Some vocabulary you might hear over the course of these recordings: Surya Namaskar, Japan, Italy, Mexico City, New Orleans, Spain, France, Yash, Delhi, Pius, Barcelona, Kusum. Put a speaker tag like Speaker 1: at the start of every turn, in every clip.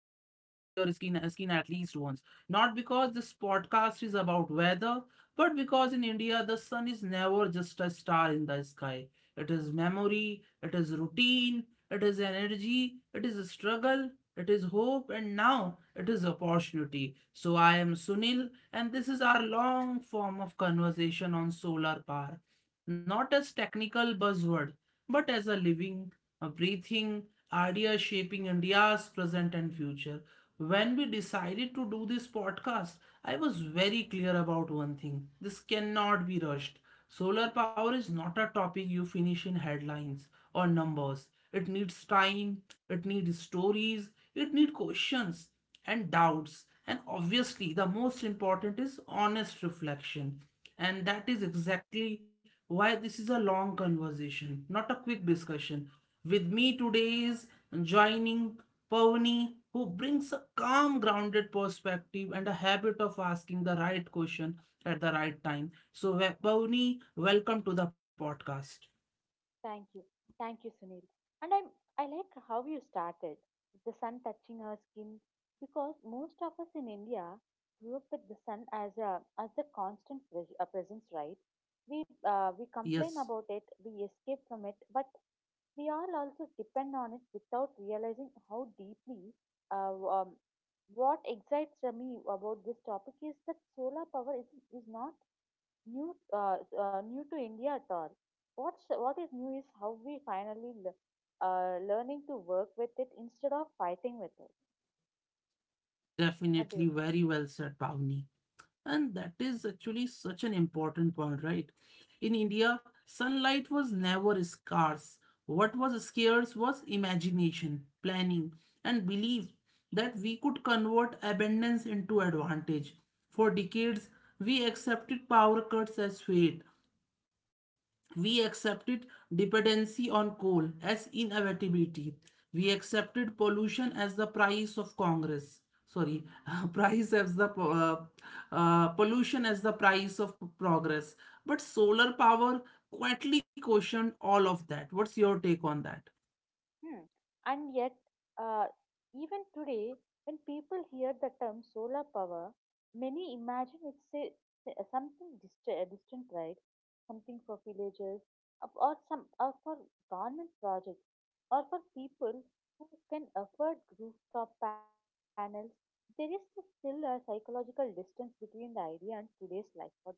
Speaker 1: uh, skin at least once. Not because this podcast is about weather, but because in India, the sun is never just a star in the sky. It is memory, it is routine, it is energy, it is a struggle, it is hope, and now it is opportunity. So I am Sunil, and this is our long form of conversation on solar power, not as technical buzzword, but as a living, a breathing idea shaping India's present and future. When we decided to do this podcast, I was very clear about one thing: this cannot be rushed. Solar power is not a topic you finish in headlines or numbers. It needs time, it needs stories, it needs questions and doubts. And obviously, the most important is honest reflection. And that is exactly why this is a long conversation, not a quick discussion. With me today is joining Pavni, who brings a calm, grounded perspective and a habit of asking the right question at the right time. So, Pavni, welcome to the podcast.
Speaker 2: Thank you. Thank you, Sunil. And I'm, I like how you started with the sun touching our skin because most of us in India grew up with the sun as the constant presence, right? We complain
Speaker 1: Yes,
Speaker 2: about it, we escape from it, but we all also depend on it without realizing how deeply uh, um, what excites me about this topic is that solar power is not new to India at all. What is new is how we finally learning to work with it instead of fighting with it. What do you
Speaker 1: definitely very well said, Pavni. And that is actually such an important point, right? In India, sunlight was never scarce. What was scarce was imagination, planning, and belief that we could convert abundance into advantage. For decades, we accepted power cuts as fate, we accepted dependency on coal as inevitability. We accepted pollution as the price of Congress. Sorry, price as the po- pollution as the price of progress. But solar power quietly questioned all of that. What's your take on that?
Speaker 2: Hmm. And yet, uh, even today, when people hear the term solar power, many imagine something distant, right? Something for villages, or for government projects, or for people who can afford rooftop panels. There is still a psychological distance between the idea and today's life. What do you think?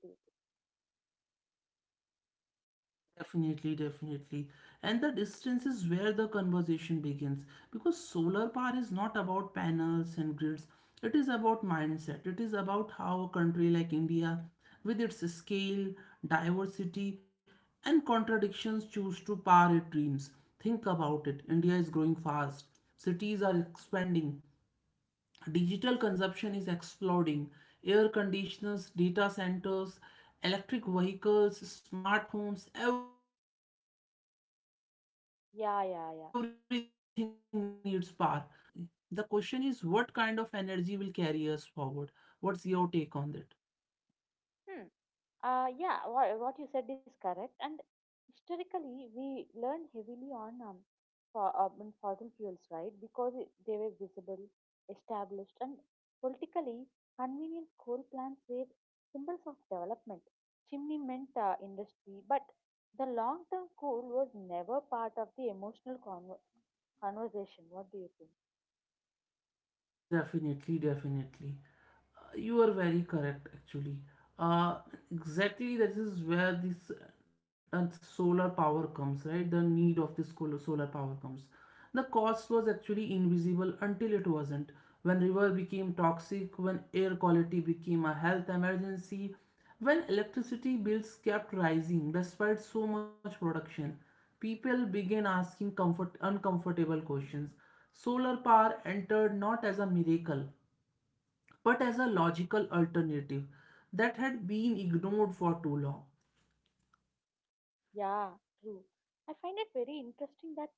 Speaker 1: Definitely, definitely. And the distance is where the conversation begins because solar power is not about panels and grids. It is about mindset. It is about how a country like India, with its scale, diversity, and contradictions, choose to power its dreams. Think about it. India is growing fast. Cities are expanding, digital consumption is exploding. Air conditioners, data centers, electric vehicles, smart homes, everything needs power. The question is not whether
Speaker 2: Yeah,
Speaker 1: we need
Speaker 2: yeah, yeah.
Speaker 1: energy. The question is what the question is what kind of energy will carry us forward. What's your take on that?
Speaker 2: Hmm. Yeah, what you said is correct. And historically, we learned heavily on fossil fuels, right? Because they were visible, established, and politically convenient coal plants were symbols of development. Chimney meant industry, but the long term coal was never part of the emotional conversation. What do you think?
Speaker 1: Definitely, definitely. You are very correct, actually. Uh, exactly, that is where this solar power comes, right? The need of this solar power comes. The cost was actually invisible until it wasn't. When river became toxic, when air quality became a health emergency, when electricity bills kept rising despite so much production, people began asking comfort uncomfortable questions. Solar power entered not as a miracle but as a logical alternative that had been ignored for too long.
Speaker 2: Yeah, true. I find it very interesting that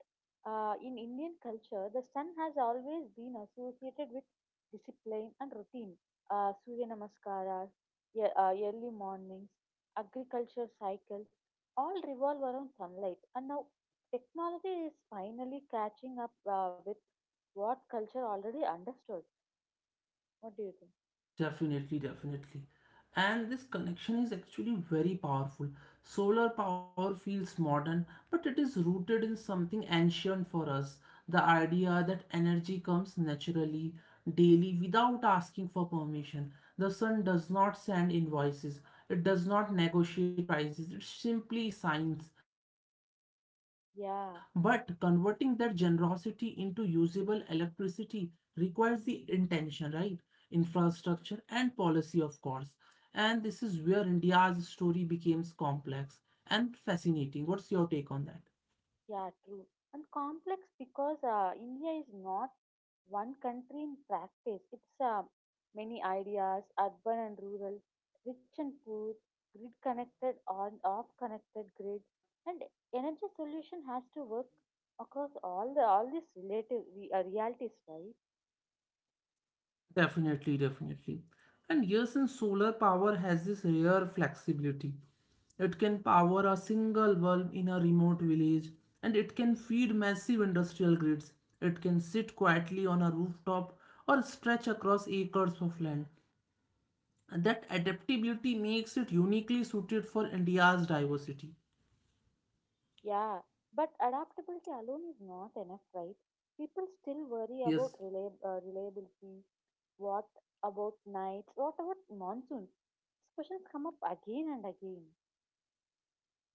Speaker 2: in Indian culture, the sun has always been associated with discipline and routine. Surya Namaskaras, early mornings, agriculture cycles, all revolve around sunlight. And now technology is finally catching up with what culture already understood. What do you think?
Speaker 1: Definitely, definitely. And this connection is actually very powerful. Solar power feels modern, but it is rooted in something ancient for us: the idea that energy comes naturally, daily, without asking for permission. The sun does not send invoices, it does not negotiate prices, it simply signs. But converting that
Speaker 2: Yeah.
Speaker 1: generosity into usable electricity requires the intention, right? Infrastructure and policy, of course. And this is where India's story becomes complex and fascinating. What's your take on that?
Speaker 2: Yeah, true. And complex because India is not one country in practice. It's many ideas, urban and rural, rich and poor, grid connected and off connected grid, and energy solution has to work across all these relative realities, right?
Speaker 1: Definitely, definitely. And yes, and solar power has this rare flexibility. It can power a single bulb in a remote village, and it can feed massive industrial grids. It can sit quietly on a rooftop or stretch across acres of land. And that adaptability makes it uniquely suited for India's diversity.
Speaker 2: Yeah, but adaptability alone is not enough, right? People still worry
Speaker 1: Yes.
Speaker 2: about reliability. What about nights? What about monsoons? These questions come up again and again.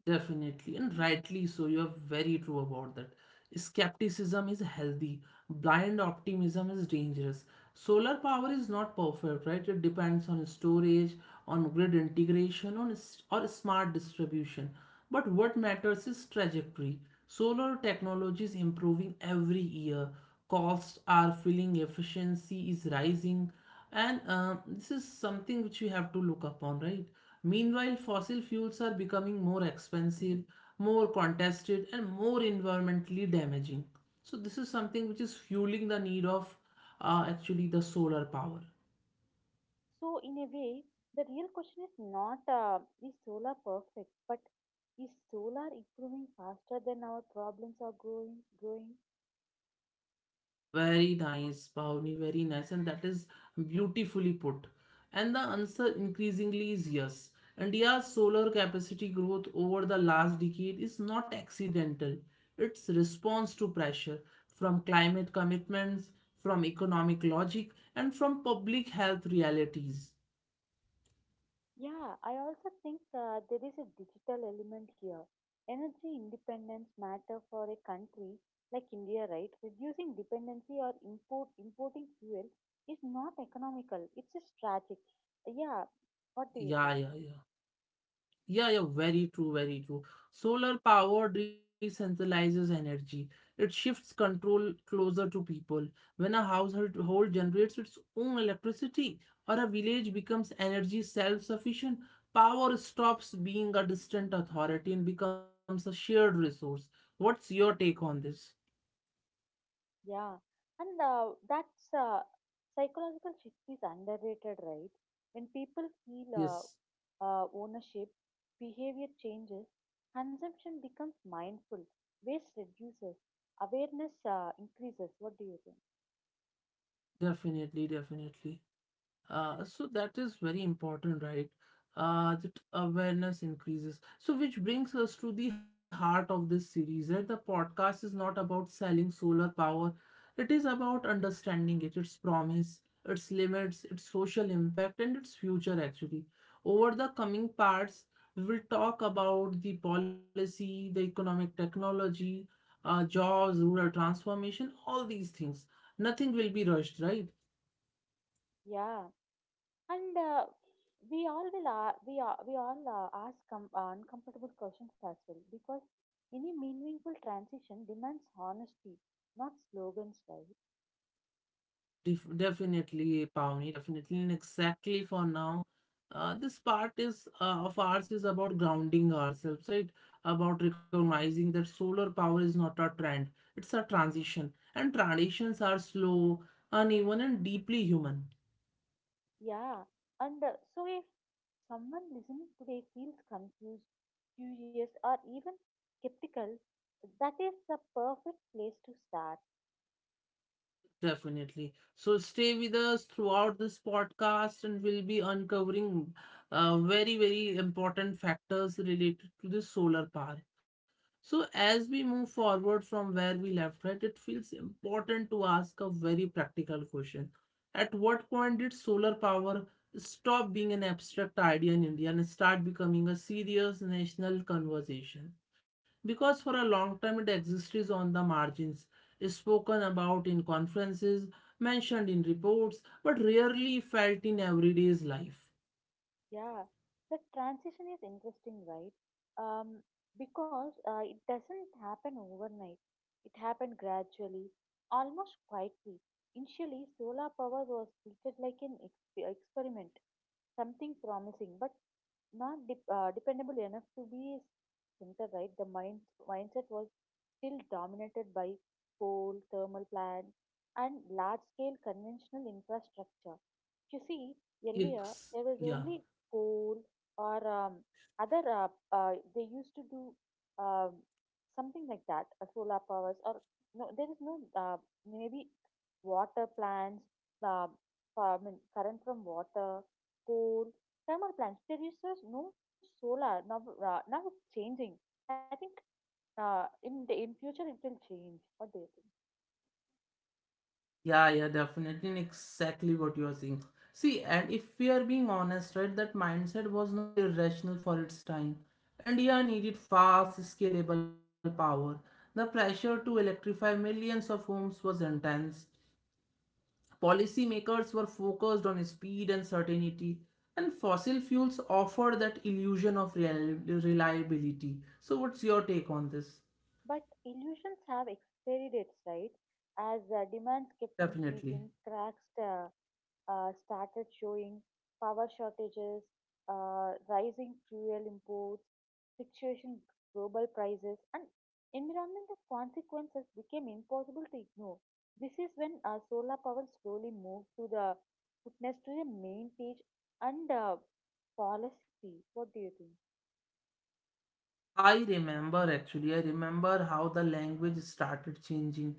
Speaker 1: Definitely, and rightly so. You are very true about that. Skepticism is healthy, blind optimism is dangerous. Solar power is not perfect, right? It depends on storage, on grid integration, on or smart distribution. But what matters is trajectory. Solar technology is improving every year. Costs are filling, efficiency is rising. And this is something which we have to look upon, right? Meanwhile, fossil fuels are becoming more expensive, more contested, and more environmentally damaging. So, this is something which is fueling the need of actually the solar power.
Speaker 2: So, in a way, the real question is not is solar perfect, but is solar improving faster than our problems are growing?
Speaker 1: Very nice, Bhavni, very nice. And that is beautifully put. And the answer increasingly is yes. India's solar capacity growth over the last decade is not accidental. It's response to pressure from climate commitments, from economic logic, and from public health realities.
Speaker 2: Yeah, I also think there is a digital element here. Energy independence matter for a country like India, right? Reducing dependency or importing fuel is not economical. It's a strategic. Yeah, what do you
Speaker 1: Yeah,
Speaker 2: think?
Speaker 1: yeah, yeah. Yeah, yeah, very true, very true. Solar power decentralizes energy. It shifts control closer to people. When a household hold generates its own electricity or a village becomes energy self-sufficient, power stops being a distant authority and becomes a shared resource. What's your take on this?
Speaker 2: Yeah, and that's psychological shift is underrated, right? When people feel
Speaker 1: Yes,
Speaker 2: ownership, behavior changes, consumption becomes mindful, waste reduces, awareness increases. What do you think?
Speaker 1: definitely, definitely. So that is very important, right? That awareness increases. So, which brings us to the heart of this series, right? The podcast is not about selling solar power, it is about understanding it, its promise, its limits, its social impact, and its future, actually. Over the coming parts, we will talk about the policy, the economic technology, jobs, rural transformation, all these things. Nothing will be rushed, right?
Speaker 2: Yeah, and we all ask uncomfortable questions as well because any meaningful transition demands honesty, not slogans, right?
Speaker 1: Definitely, Pawni, definitely, and exactly for now. This part is of ours is about grounding ourselves, right? About recognizing that solar power is not a trend; it's a transition, and transitions are slow, uneven, and deeply human.
Speaker 2: Yeah, and so if someone listening today feels confused, curious, or even skeptical, that is the perfect place to start.
Speaker 1: Definitely. So stay with us throughout this podcast, and we'll be uncovering very, very important factors related to the solar power. So, as we move forward from where we left, right, it feels important to ask a very practical question. At what point did solar power stop being an abstract idea in India and start becoming a serious national conversation? Because for a long time it existed on the margins, is spoken about in conferences, mentioned in reports, but rarely felt in everyday's life.
Speaker 2: Yeah, the transition is interesting, right? Um, because it doesn't happen overnight. It happened gradually, almost quietly. Initially, solar power was treated like an experiment, something promising, but not dependable enough to be a center, right? The mindset was still dominated by coal, thermal plants, and large scale conventional infrastructure. You see, earlier
Speaker 1: It's,
Speaker 2: there was
Speaker 1: yeah.
Speaker 2: only coal or other, they used to do um, something like that, solar powers, or no, there is no maybe water plants, um, I mean, current from water, coal, thermal plants. There is just no solar now. Now it's changing. I think in future, it will change. What do you think?
Speaker 1: Yeah, yeah, definitely. And Exactly what you are saying. See, and if we are being honest, right, that mindset was not irrational for its time. India needed fast, scalable power. The pressure to electrify millions of homes was intense. Policymakers were focused on speed and certainty, and fossil fuels offer that illusion of reliability. So, what's your take on this?
Speaker 2: But illusions have expiry dates, right? As demands kept
Speaker 1: Definitely.
Speaker 2: increasing, cracks started showing, power shortages, rising fuel imports, fluctuation global prices, and environmental consequences became impossible to ignore. This is when solar power slowly moved to the footnotes to the main page and policy. What do you think?
Speaker 1: I remember actually, I remember how the language started changing.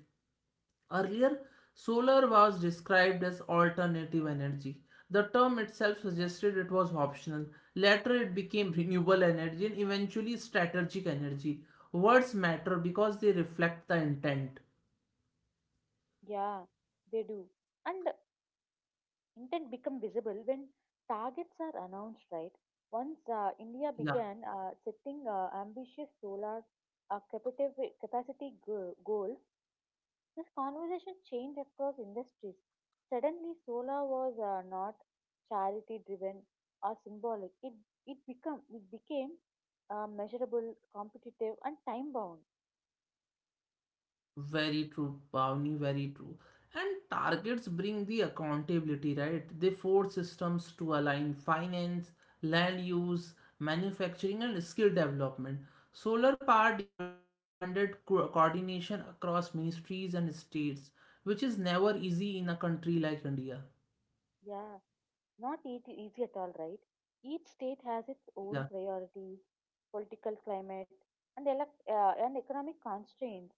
Speaker 1: Earlier, solar was described as alternative energy. The term itself suggested it was optional. Later, it became renewable energy and eventually strategic energy. Words matter because they reflect the intent.
Speaker 2: Yeah, they do. And intent become visible when targets are announced, right? Once India
Speaker 1: Yeah.
Speaker 2: began setting ambitious solar capacity goals, this conversation changed across industries. Suddenly, solar was not charity driven or symbolic. It became measurable, competitive, and time bound.
Speaker 1: Very true, Pavni, very true. And targets bring the accountability, right? They force systems to align finance, land use, manufacturing, and skill development. Solar power demanded coordination across ministries and states, which is never easy in a country like India.
Speaker 2: Yeah. Not easy at all, right? Each state has its own priorities, political climate, and economic constraints.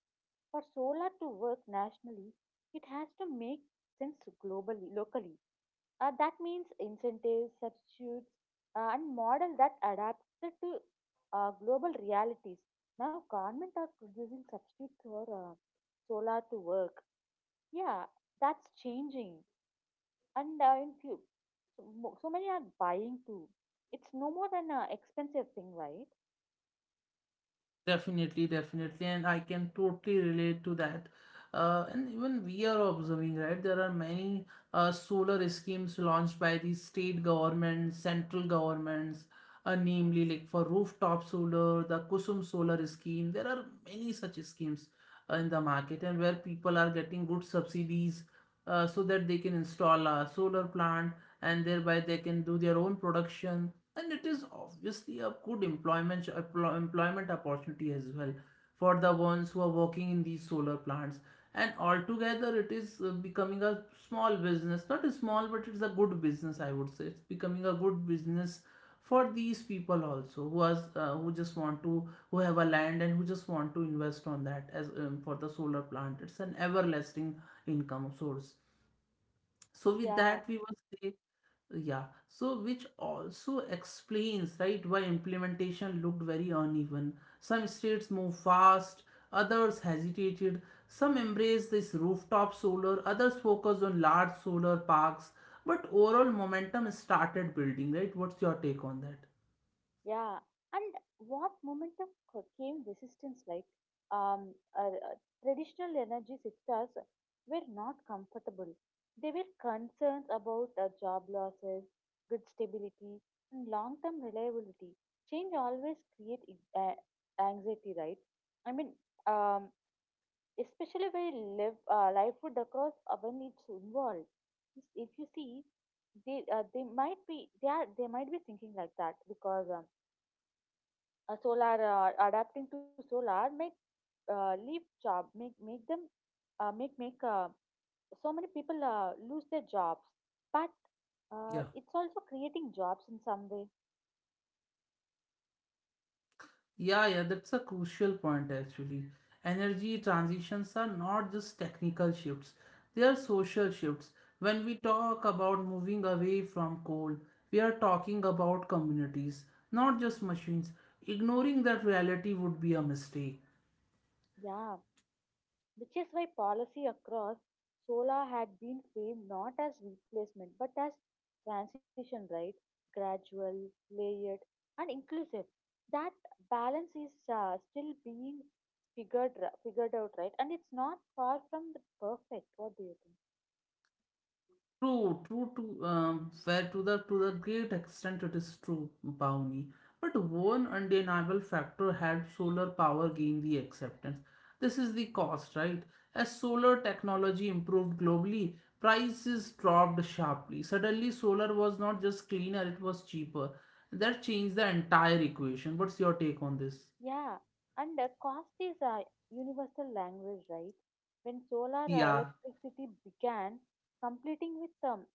Speaker 2: For solar to work nationally, it has to make sense globally, locally. That means incentives, substitutes, and model that adapted to global realities. Now, government are producing substitutes for solar to work, yeah, that's changing. And in few, so, so many are buying too. It's no more than an expensive thing, right?
Speaker 1: Definitely, definitely, and I can totally relate to that. And even we are observing, right? There are many solar schemes launched by the state governments, central governments, namely like for rooftop solar, the Kusum solar scheme. There are many such schemes in the market, and where people are getting good subsidies so that they can install a solar plant and thereby they can do their own production, and it is obviously a good employment opportunity as well for the ones who are working in these solar plants. And altogether it is becoming a small business. Not a small, but it's a good business, I would say. It's becoming a good business for these people also who has who just want to who have a land and who just want to invest on that as for the solar plant. It's an everlasting income source. So with
Speaker 2: Yeah,
Speaker 1: that, we will say, yeah, so which also explains, right, why implementation looked very uneven. Some states moved fast, others hesitated, some embraced this rooftop solar, others focused on large solar parks, but overall momentum started building, right? What's your take on that?
Speaker 2: yeah. And what momentum came resistance like? Um, uh, uh, traditional energy sectors were not comfortable. They were concerned about job losses, good stability, and long-term reliability. Change always create anxiety, right? I mean, um, especially when livelihood across when it's involved. Yes, if you see they might be thinking like that because a solar adapting to solar make leave job make make them make make so many people lose their jobs, but
Speaker 1: Yeah.
Speaker 2: it's also creating jobs in some way.
Speaker 1: Yeah, yeah, that's a crucial point actually. Energy transitions are not just technical shifts, they are social shifts. When we talk about moving away from coal, we are talking about communities, not just machines. Ignoring that reality would be a mistake.
Speaker 2: Yeah, which is why policy across solar had been framed not as replacement but as transition, right? Gradual, layered, and inclusive. That balance is still being figured out, right? And it's not far from the perfect. What do you think?
Speaker 1: True, true. To Fair to the great extent it is true, Pawnee. But one undeniable factor had solar power gain the acceptance. This is the cost, right? As solar technology improved globally, prices dropped sharply. Suddenly, solar was not just cleaner, it was cheaper. That changed the entire equation. What's your take on this?
Speaker 2: Yeah, and the cost is a universal language, right? When solar
Speaker 1: Yeah.
Speaker 2: electricity began competing with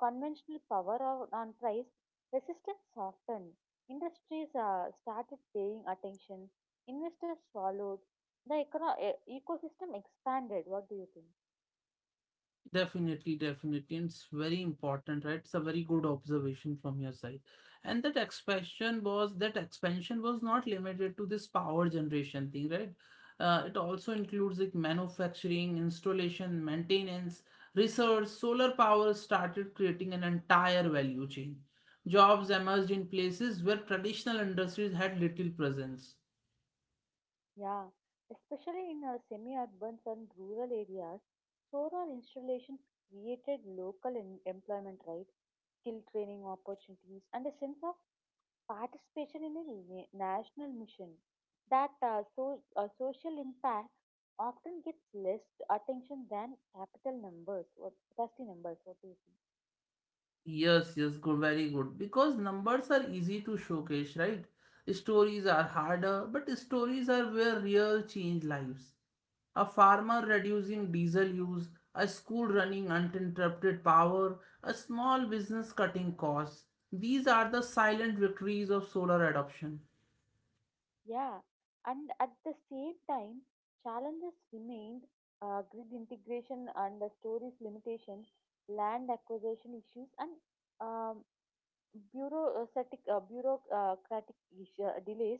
Speaker 2: conventional power on price, resistance softened. Industries started paying attention. Investors followed. The ecosystem expanded. What do you think?
Speaker 1: Definitely, definitely. And it's very important, right? It's a very good observation from your side. And that expansion was not limited to this power generation thing, right? It also includes like manufacturing, installation, maintenance, research. Solar power started creating an entire value chain. Jobs emerged in places where traditional industries had little presence.
Speaker 2: Yeah, especially in semi-urban and rural areas, solar installations created local employment, right? Skill training opportunities and a sense of participation in a national mission. That, so, social impact often gets less attention than capital numbers or capacity numbers. What do you think?
Speaker 1: Yes, yes, good, very good. Because numbers are easy to showcase, right? Stories are harder, but stories are where real change lives. A farmer reducing diesel use, a school running uninterrupted power, a small business cutting costs. These are the silent victories of solar adoption.
Speaker 2: Yeah, and at the same time, challenges remained grid integration and the storage limitations, land acquisition issues, and um, bureaucratic delays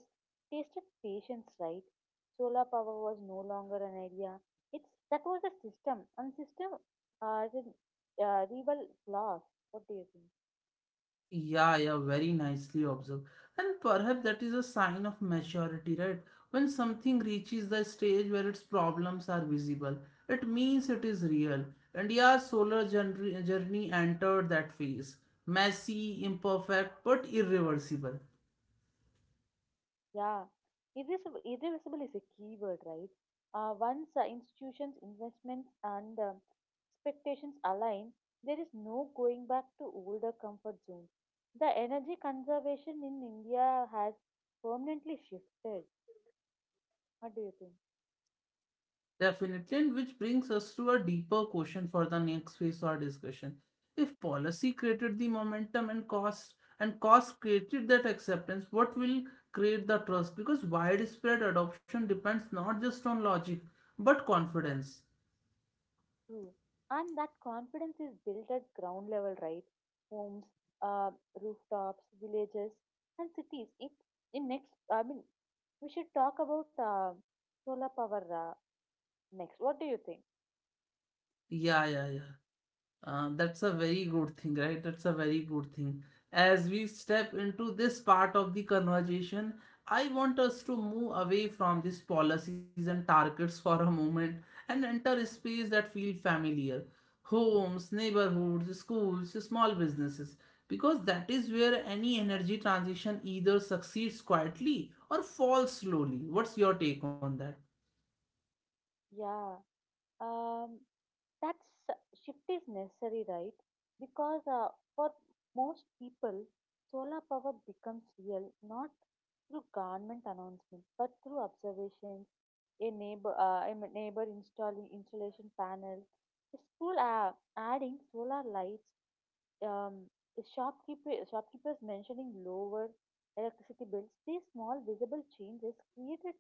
Speaker 2: tasted patience, right? Solar power was no longer an idea. It's that was a system, and system rebel flaws. What do you think?
Speaker 1: Yeah, yeah, very nicely observed. And perhaps that is a sign of maturity, right? When something reaches the stage where its problems are visible, it means it is real. India's solar journey entered that phase. Messy, imperfect, but irreversible.
Speaker 2: Yeah, irreversible, irreversible is a key word, right? Once institutions, investments, and expectations align, there is no going back to older comfort zones. The energy conservation in India has permanently shifted. What do you think?
Speaker 1: Definitely, and which brings us to a deeper question for the next phase or discussion. If policy created the momentum and cost created that acceptance, what will create the trust? Because widespread adoption depends not just on logic but confidence.
Speaker 2: True. And that confidence is built at ground level, right? Homes, uh, rooftops, villages, and cities. I mean, we should talk about solar power. Next. What do you think?
Speaker 1: Yeah, yeah, yeah. That's a very good thing, right? That's a very good thing. As we step into this part of the conversation, I want us to move away from these policies and targets for a moment and enter a space that feel familiar. Homes, neighborhoods, schools, small businesses. Because that is where any energy transition either succeeds quietly or falls slowly. What's your take on that?
Speaker 2: Yeah, um, that shift is necessary, right? Because for most people, solar power becomes real not through government announcements but through observations, a neighbor installing installation panels, a school adding solar lights, um, shopkeepers mentioning lower electricity bills. These small visible changes created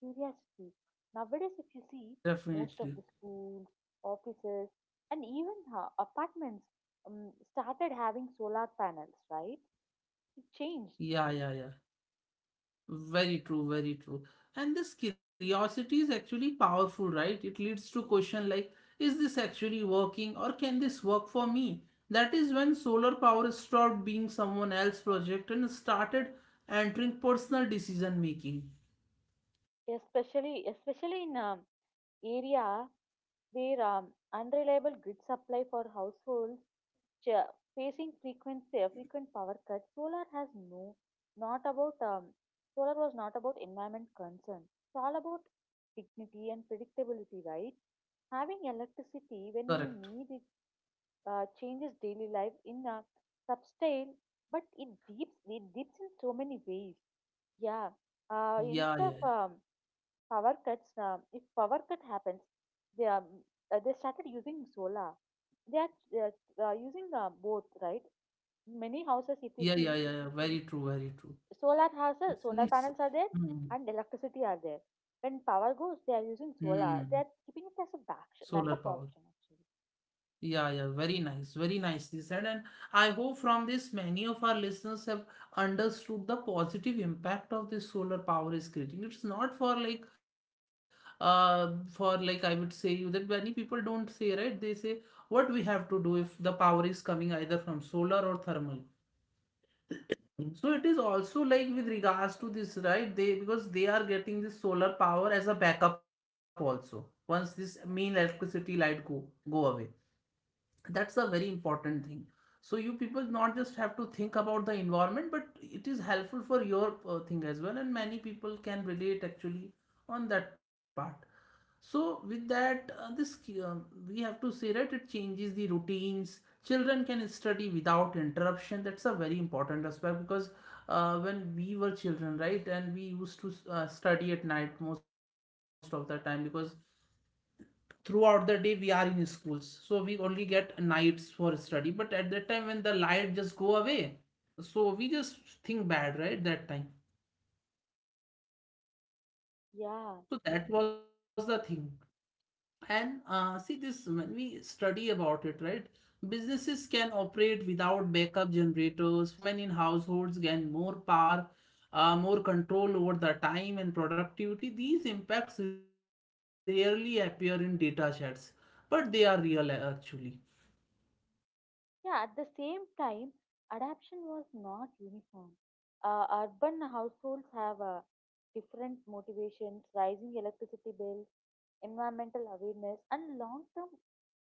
Speaker 2: curiosity. Nowadays, if you see, most
Speaker 1: Definitely.
Speaker 2: of the schools, offices, and even apartments started having solar panels. Right? It changed,
Speaker 1: Yeah, yeah, yeah. Very true, very true. And this curiosity is actually powerful, right? It leads to question like, is this actually working or can this work for me? That is when solar power stopped being someone else's project and started entering personal decision making.
Speaker 2: especially in area where unreliable grid supply for households ch- facing frequent power cuts. Not about um, solar was not about environment concern. It's all about dignity and predictability, right? Having electricity when
Speaker 1: Correct.
Speaker 2: you need it changes daily life in a subtle, but it dips in so many ways. Yeah. Uh,
Speaker 1: Yeah,
Speaker 2: instead
Speaker 1: yeah,
Speaker 2: of power cuts, if power cut happens, they um, they started using solar. They are they are, using both, right? Many houses, if you
Speaker 1: yeah, yeah, yeah,
Speaker 2: see,
Speaker 1: yeah, yeah. Very true, very true.
Speaker 2: solar
Speaker 1: It
Speaker 2: houses, solar
Speaker 1: seems.
Speaker 2: panels are there,
Speaker 1: Hmm,
Speaker 2: and electricity are there. When power goes, they are using
Speaker 1: hmm.
Speaker 2: solar. They are keeping it as a
Speaker 1: Solar power.
Speaker 2: backup option, actually.
Speaker 1: Yeah, yeah, very nice, very nicely said. And I hope from this many of our listeners have understood the positive impact of this solar power is creating. It's not for like for like, I would say you, that many people don't say, right? They say what we have to do if the power is coming either from solar or thermal. So it is also like with regards to this, right? They, because they are getting this solar power as a backup also. Once this main electricity light go away, that's a very important thing. So you people not just have to think about the environment, but it is helpful for your thing as well, and many people can relate actually on that part. So with that this, we have to say that it changes the routines. Children can study without interruption. That's a very important aspect because when we were children, right, and we used to study at night most of the time, because throughout the day we are in schools, so we only get nights for study. But at that time, when the light just go away, so we just think bad, right, that time.
Speaker 2: Yeah,
Speaker 1: So that was the thing. And see this, when we study about it, right, businesses can operate without backup generators. Women in households gain more power, more control over the time and productivity. These impacts rarely appear in data sets, but they are real, actually.
Speaker 2: yeah, at the same time, adoption was not uniform. Urban households have different motivations, rising electricity bills, environmental awareness, and long term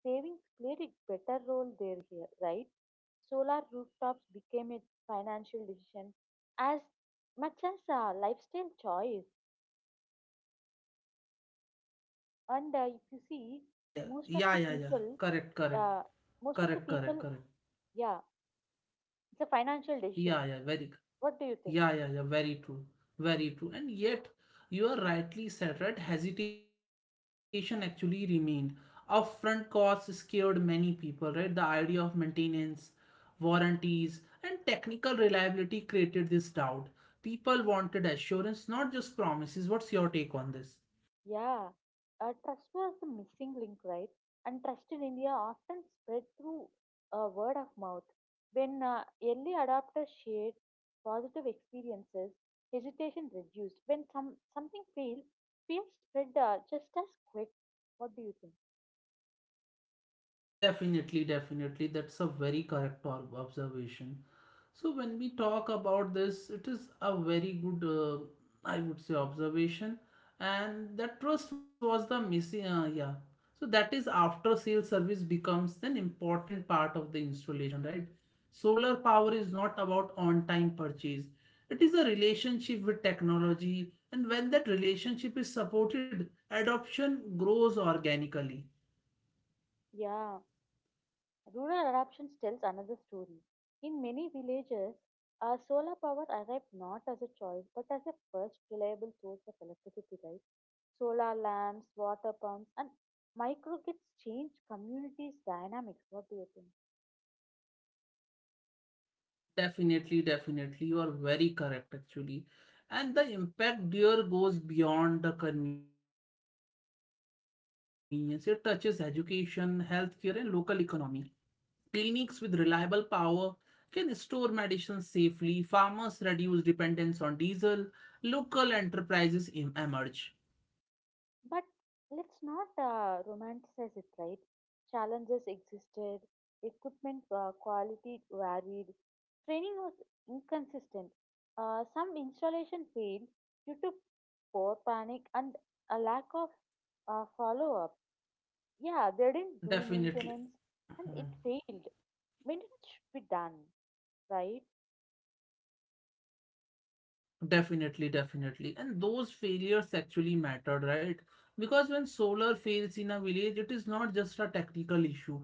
Speaker 2: savings played a better role here, right? Solar rooftops became a financial decision as much as a lifestyle choice. And if you see,
Speaker 1: Yeah, yeah,
Speaker 2: most of
Speaker 1: yeah,
Speaker 2: the
Speaker 1: yeah, yeah.
Speaker 2: people,
Speaker 1: Correct, correct,
Speaker 2: uh, most of the
Speaker 1: correct, correct,
Speaker 2: people,
Speaker 1: correct.
Speaker 2: yeah, it's a financial decision.
Speaker 1: Yeah, yeah, very,
Speaker 2: What do you think?
Speaker 1: yeah, yeah, yeah, very true, very true. And yet, you are rightly said, right? Hesitation actually remained. Upfront costs scared many people, right? The idea of maintenance, warranties, and technical reliability created this doubt. People wanted assurance, not just promises. What's your take on this?
Speaker 2: Yeah, trust was the missing link, right? And trust in India often spread through word of mouth. When early adopters shared positive experiences, hesitation reduced. When something failed, fear spread just as quick. What do you think?
Speaker 1: Definitely, definitely. That's a very correct observation. So when we talk about this, it is a very good, I would say, observation, and that trust was the missing. Yeah, so that is, after sale service becomes an important part of the installation, right? Solar power is not about on time purchase. It is a relationship with technology, and when that relationship is supported, adoption grows organically.
Speaker 2: Yeah. Rural adoptions tells another story. In many villages, solar power arrived not as a choice but as a first reliable source of electricity, right? Solar lamps, water pumps, and micro gets changed communities' dynamics. What do you think?
Speaker 1: Definitely, definitely. You are very correct, actually. And the impact there goes beyond the convenience. It touches education, healthcare, and local economy. Clinics with reliable power can store medicines safely. Farmers reduce dependence on diesel. Local enterprises emerge.
Speaker 2: But let's not romanticize it, right? Challenges existed, equipment quality varied, training was inconsistent. Some installation failed due to poor panic and a lack of follow up. Yeah, they didn't do
Speaker 1: Definitely.
Speaker 2: maintenance and it
Speaker 1: Mhm.
Speaker 2: failed. Maintenance should be done, right?
Speaker 1: Definitely, definitely. And those failures actually mattered, right? Because when solar fails in a village, it is not just a technical issue.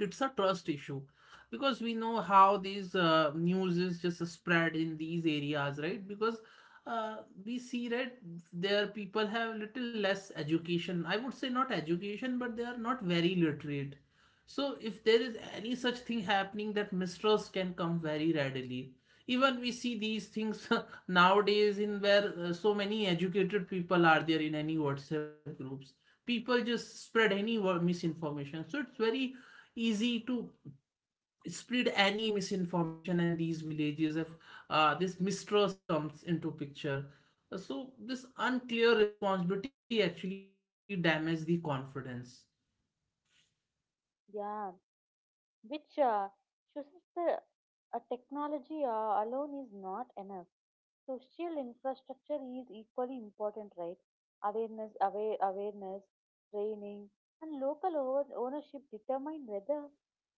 Speaker 1: It's a trust issue, because we know how these news is just spread in these areas, right? Because uh, we see that there people have little less education, I would say not education, but they are not very literate. So if there is any such thing happening, that mistrust can come very readily. Even we see these things nowadays in where so many educated people are there in any WhatsApp groups, people just spread any misinformation. So it's very easy to spread any misinformation. And these villages, if this mistrust comes into picture, so this unclear responsibility actually damages the confidence.
Speaker 2: Yeah, which shows us the technology alone is not enough. Social infrastructure is equally important, right? Awareness, training, and local ownership determine whether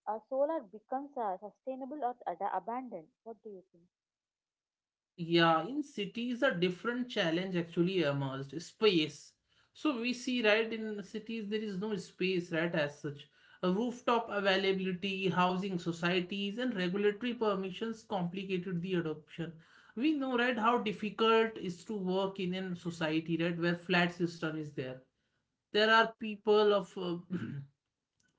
Speaker 2: a solar becomes sustainable or abandoned. What do you think?
Speaker 1: Yeah, in cities, a different challenge actually emerged: space. So we see, right, in cities, there is no space, right, as such. A rooftop availability, housing societies, and regulatory permissions complicated the adoption. We know, right, how difficult is to work in a society, right, where flat system is there. There are people of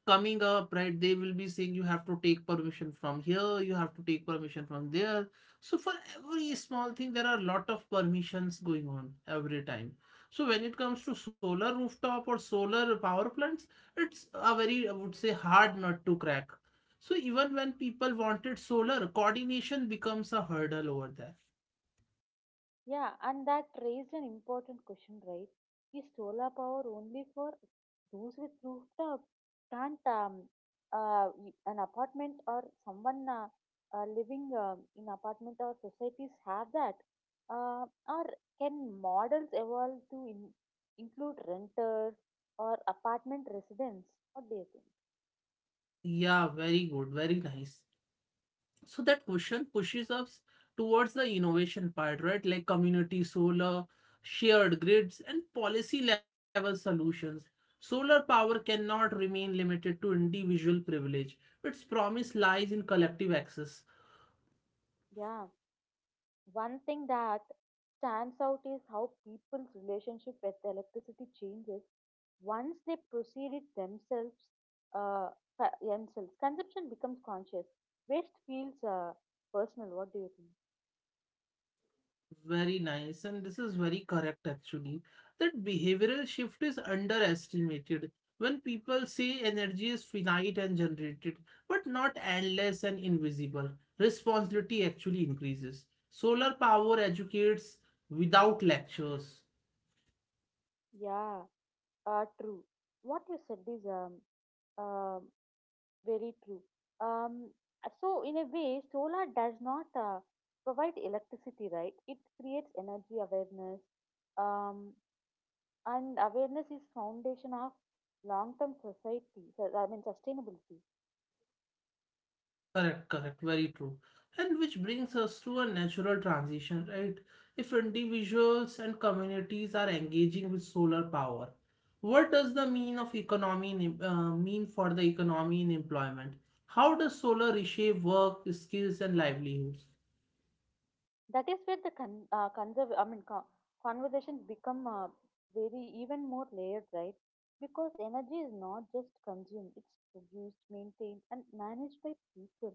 Speaker 1: coming up, right, they will be saying you have to take permission from here, you have to take permission from there. So for every small thing, there are a lot of permissions going on every time. So when it comes to solar rooftop or solar power plants, it's a very, I would say, hard nut to crack. So even when people wanted solar, coordination becomes a hurdle over there.
Speaker 2: Yeah, and that raised an important question, right? Is solar power only for those with rooftop? Can't an apartment or someone living in apartment or societies have that? Uh, or can models evolve to include renters or apartment residents? What do you think?
Speaker 1: Yeah, very good, very nice. So that question pushes us towards the innovation part, right? Like community solar, shared grids, and policy level solutions. Solar power cannot remain limited to individual privilege. Its promise lies in collective access.
Speaker 2: Yeah. One thing that stands out is how people's relationship with electricity changes once they proceed it themselves. Uh, consumption becomes conscious. Waste feels personal. What do you think?
Speaker 1: Very nice, and this is very correct actually. That behavioral shift is underestimated when people say energy is finite and generated, but not endless and invisible. Responsibility actually increases. Solar power educates without lectures.
Speaker 2: Yeah, true. What you said is um very true. Um, so in a way, solar does not provide electricity, right? It creates energy awareness. Um, and awareness is foundation of long term, I mean, sustainability.
Speaker 1: Correct, correct, very true. And which brings us to a natural transition, right? If individuals and communities are engaging with solar power, what does the mean of economy in, mean for the economy and employment? How does solar reshape work, skills, and livelihoods?
Speaker 2: That is where the, I mean, conversations become very even more layered, right? Because energy is not just consumed, it's produced, maintained, and managed by people.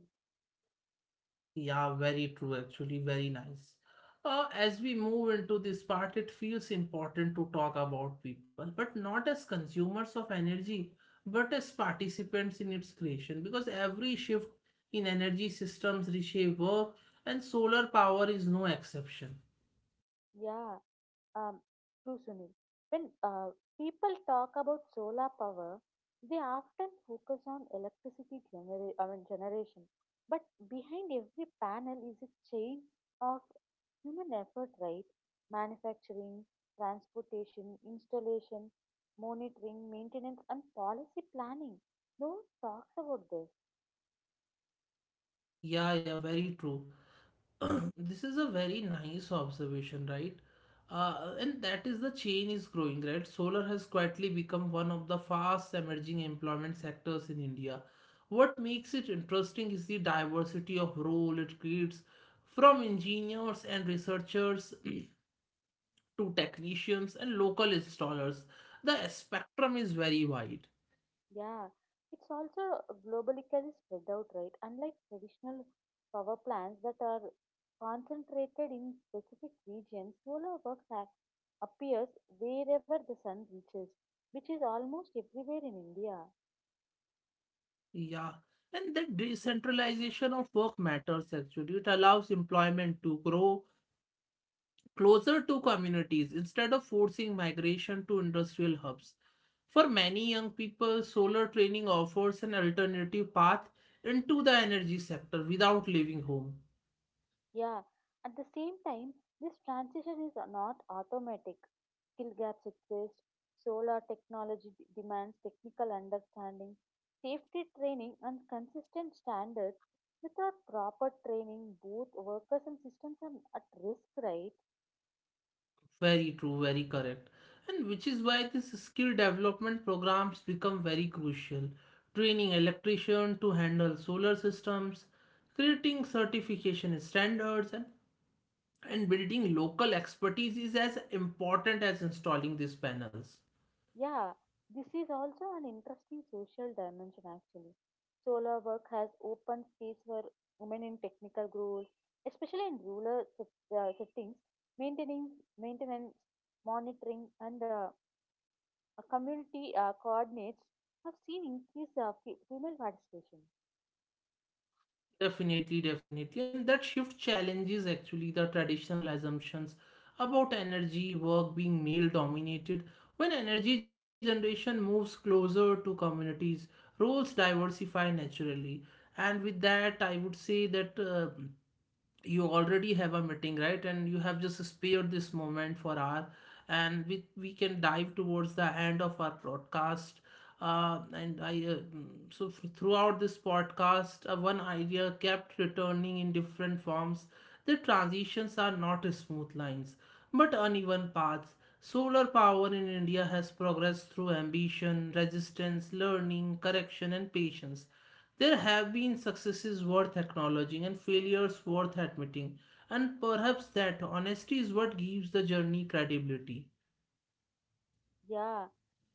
Speaker 1: Yeah, very true, actually, very nice. As we move into this part, it feels important to talk about people, but not as consumers of energy, but as participants in its creation, because every shift in energy systems reshape work, and solar power is no exception.
Speaker 2: Yeah. Um, true, Sunil. When people talk about solar power, they often focus on electricity I mean, generation. But behind every panel is a chain of human effort, right? Manufacturing, transportation, installation, monitoring, maintenance, and policy planning. No one talks about this.
Speaker 1: Yeah, yeah, very true. This is a very nice observation, right? And that is, the chain is growing, right? Solar has quietly become one of the fast emerging employment sectors in India. What makes it interesting is the diversity of role it creates, from engineers and researchers to technicians and local installers. The spectrum is very wide.
Speaker 2: Yeah, it's also globally spread out, right? Unlike traditional power plants that are concentrated in specific regions, solar works appears wherever the sun reaches, which is almost everywhere in India.
Speaker 1: Yeah. And the decentralization of work matters actually. It allows employment to grow closer to communities instead of forcing migration to industrial hubs. For many young people, solar training offers an alternative path into the energy sector without leaving home.
Speaker 2: Yeah, at the same time, this transition is not automatic. Skill gaps exist, solar technology demands technical understanding, safety training, and consistent standards. Without proper training, both workers and systems are at risk, right?
Speaker 1: Very true, very correct. And which is why these skill development programs become very crucial. Training electrician to handle solar systems, creating certification standards, and building local expertise is as important as installing these panels.
Speaker 2: Yeah, this is also an interesting social dimension actually. Solar work has opened space for women in technical roles, especially in rural settings, maintaining, maintenance, monitoring, and community coordinates have seen increased female participation.
Speaker 1: Definitely, definitely. And that shift challenges actually the traditional assumptions about energy work being male dominated. When energy generation moves closer to communities, roles diversify naturally. And with that, I would say that. You already have a meeting, right, and you have just spared this moment for our, and we can dive towards the end of our podcast. And I mm, so f- Throughout this podcast, one idea kept returning in different forms: the transitions are not smooth lines but uneven paths. Solar power in India has progressed through ambition, resistance, learning, correction, and patience. There have been successes worth acknowledging and failures worth admitting, and perhaps that honesty is what gives the journey credibility.
Speaker 2: Yeah,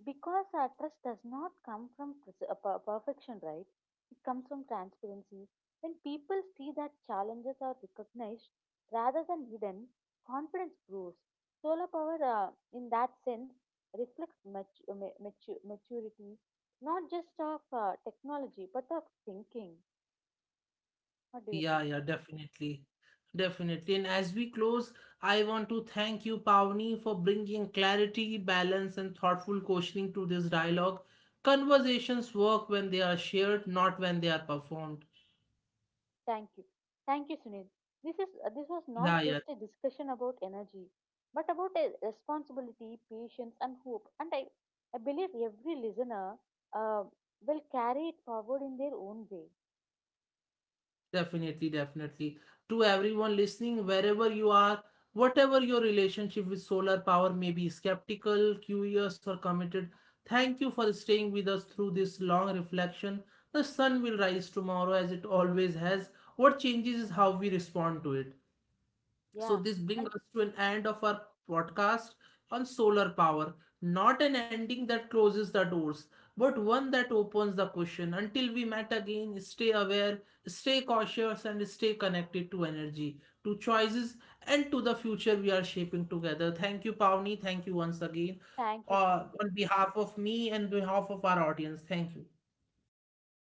Speaker 2: because our trust does not come from perfection, right? It comes from transparency. When people see that challenges are recognized rather than hidden, confidence grows. Solar power, in that sense, reflects maturity, not just of technology, but of thinking. What do you
Speaker 1: Yeah,
Speaker 2: think?
Speaker 1: yeah, definitely. Definitely. And as we close, I want to thank you, Pavni, for bringing clarity, balance, and thoughtful questioning to this dialogue. Conversations work when they are shared, not when they are performed.
Speaker 2: Thank you. Thank you, Sunil. This was not
Speaker 1: Yeah, yeah.
Speaker 2: just a discussion about energy, but about a responsibility, patience, and hope. And I believe every listener uh, will carry it forward in their own way.
Speaker 1: Definitely, definitely. To everyone listening, wherever you are, whatever your relationship with solar power may be, skeptical, curious, or committed, thank you for staying with us through this long reflection. The sun will rise tomorrow as it always has. What changes is how we respond to it. So
Speaker 2: Yeah.
Speaker 1: this brings
Speaker 2: And
Speaker 1: us to an end of our podcast on solar power. Not an ending that closes the doors, but one that opens the question. Until we met again, stay aware, stay cautious, and stay connected to energy, to choices, and to the future we are shaping together. Thank you, Pavni. Thank you once again.
Speaker 2: thank you,
Speaker 1: Uh,
Speaker 2: Sunil.
Speaker 1: on behalf of me and behalf of our audience, thank you.
Speaker 2: Thank you.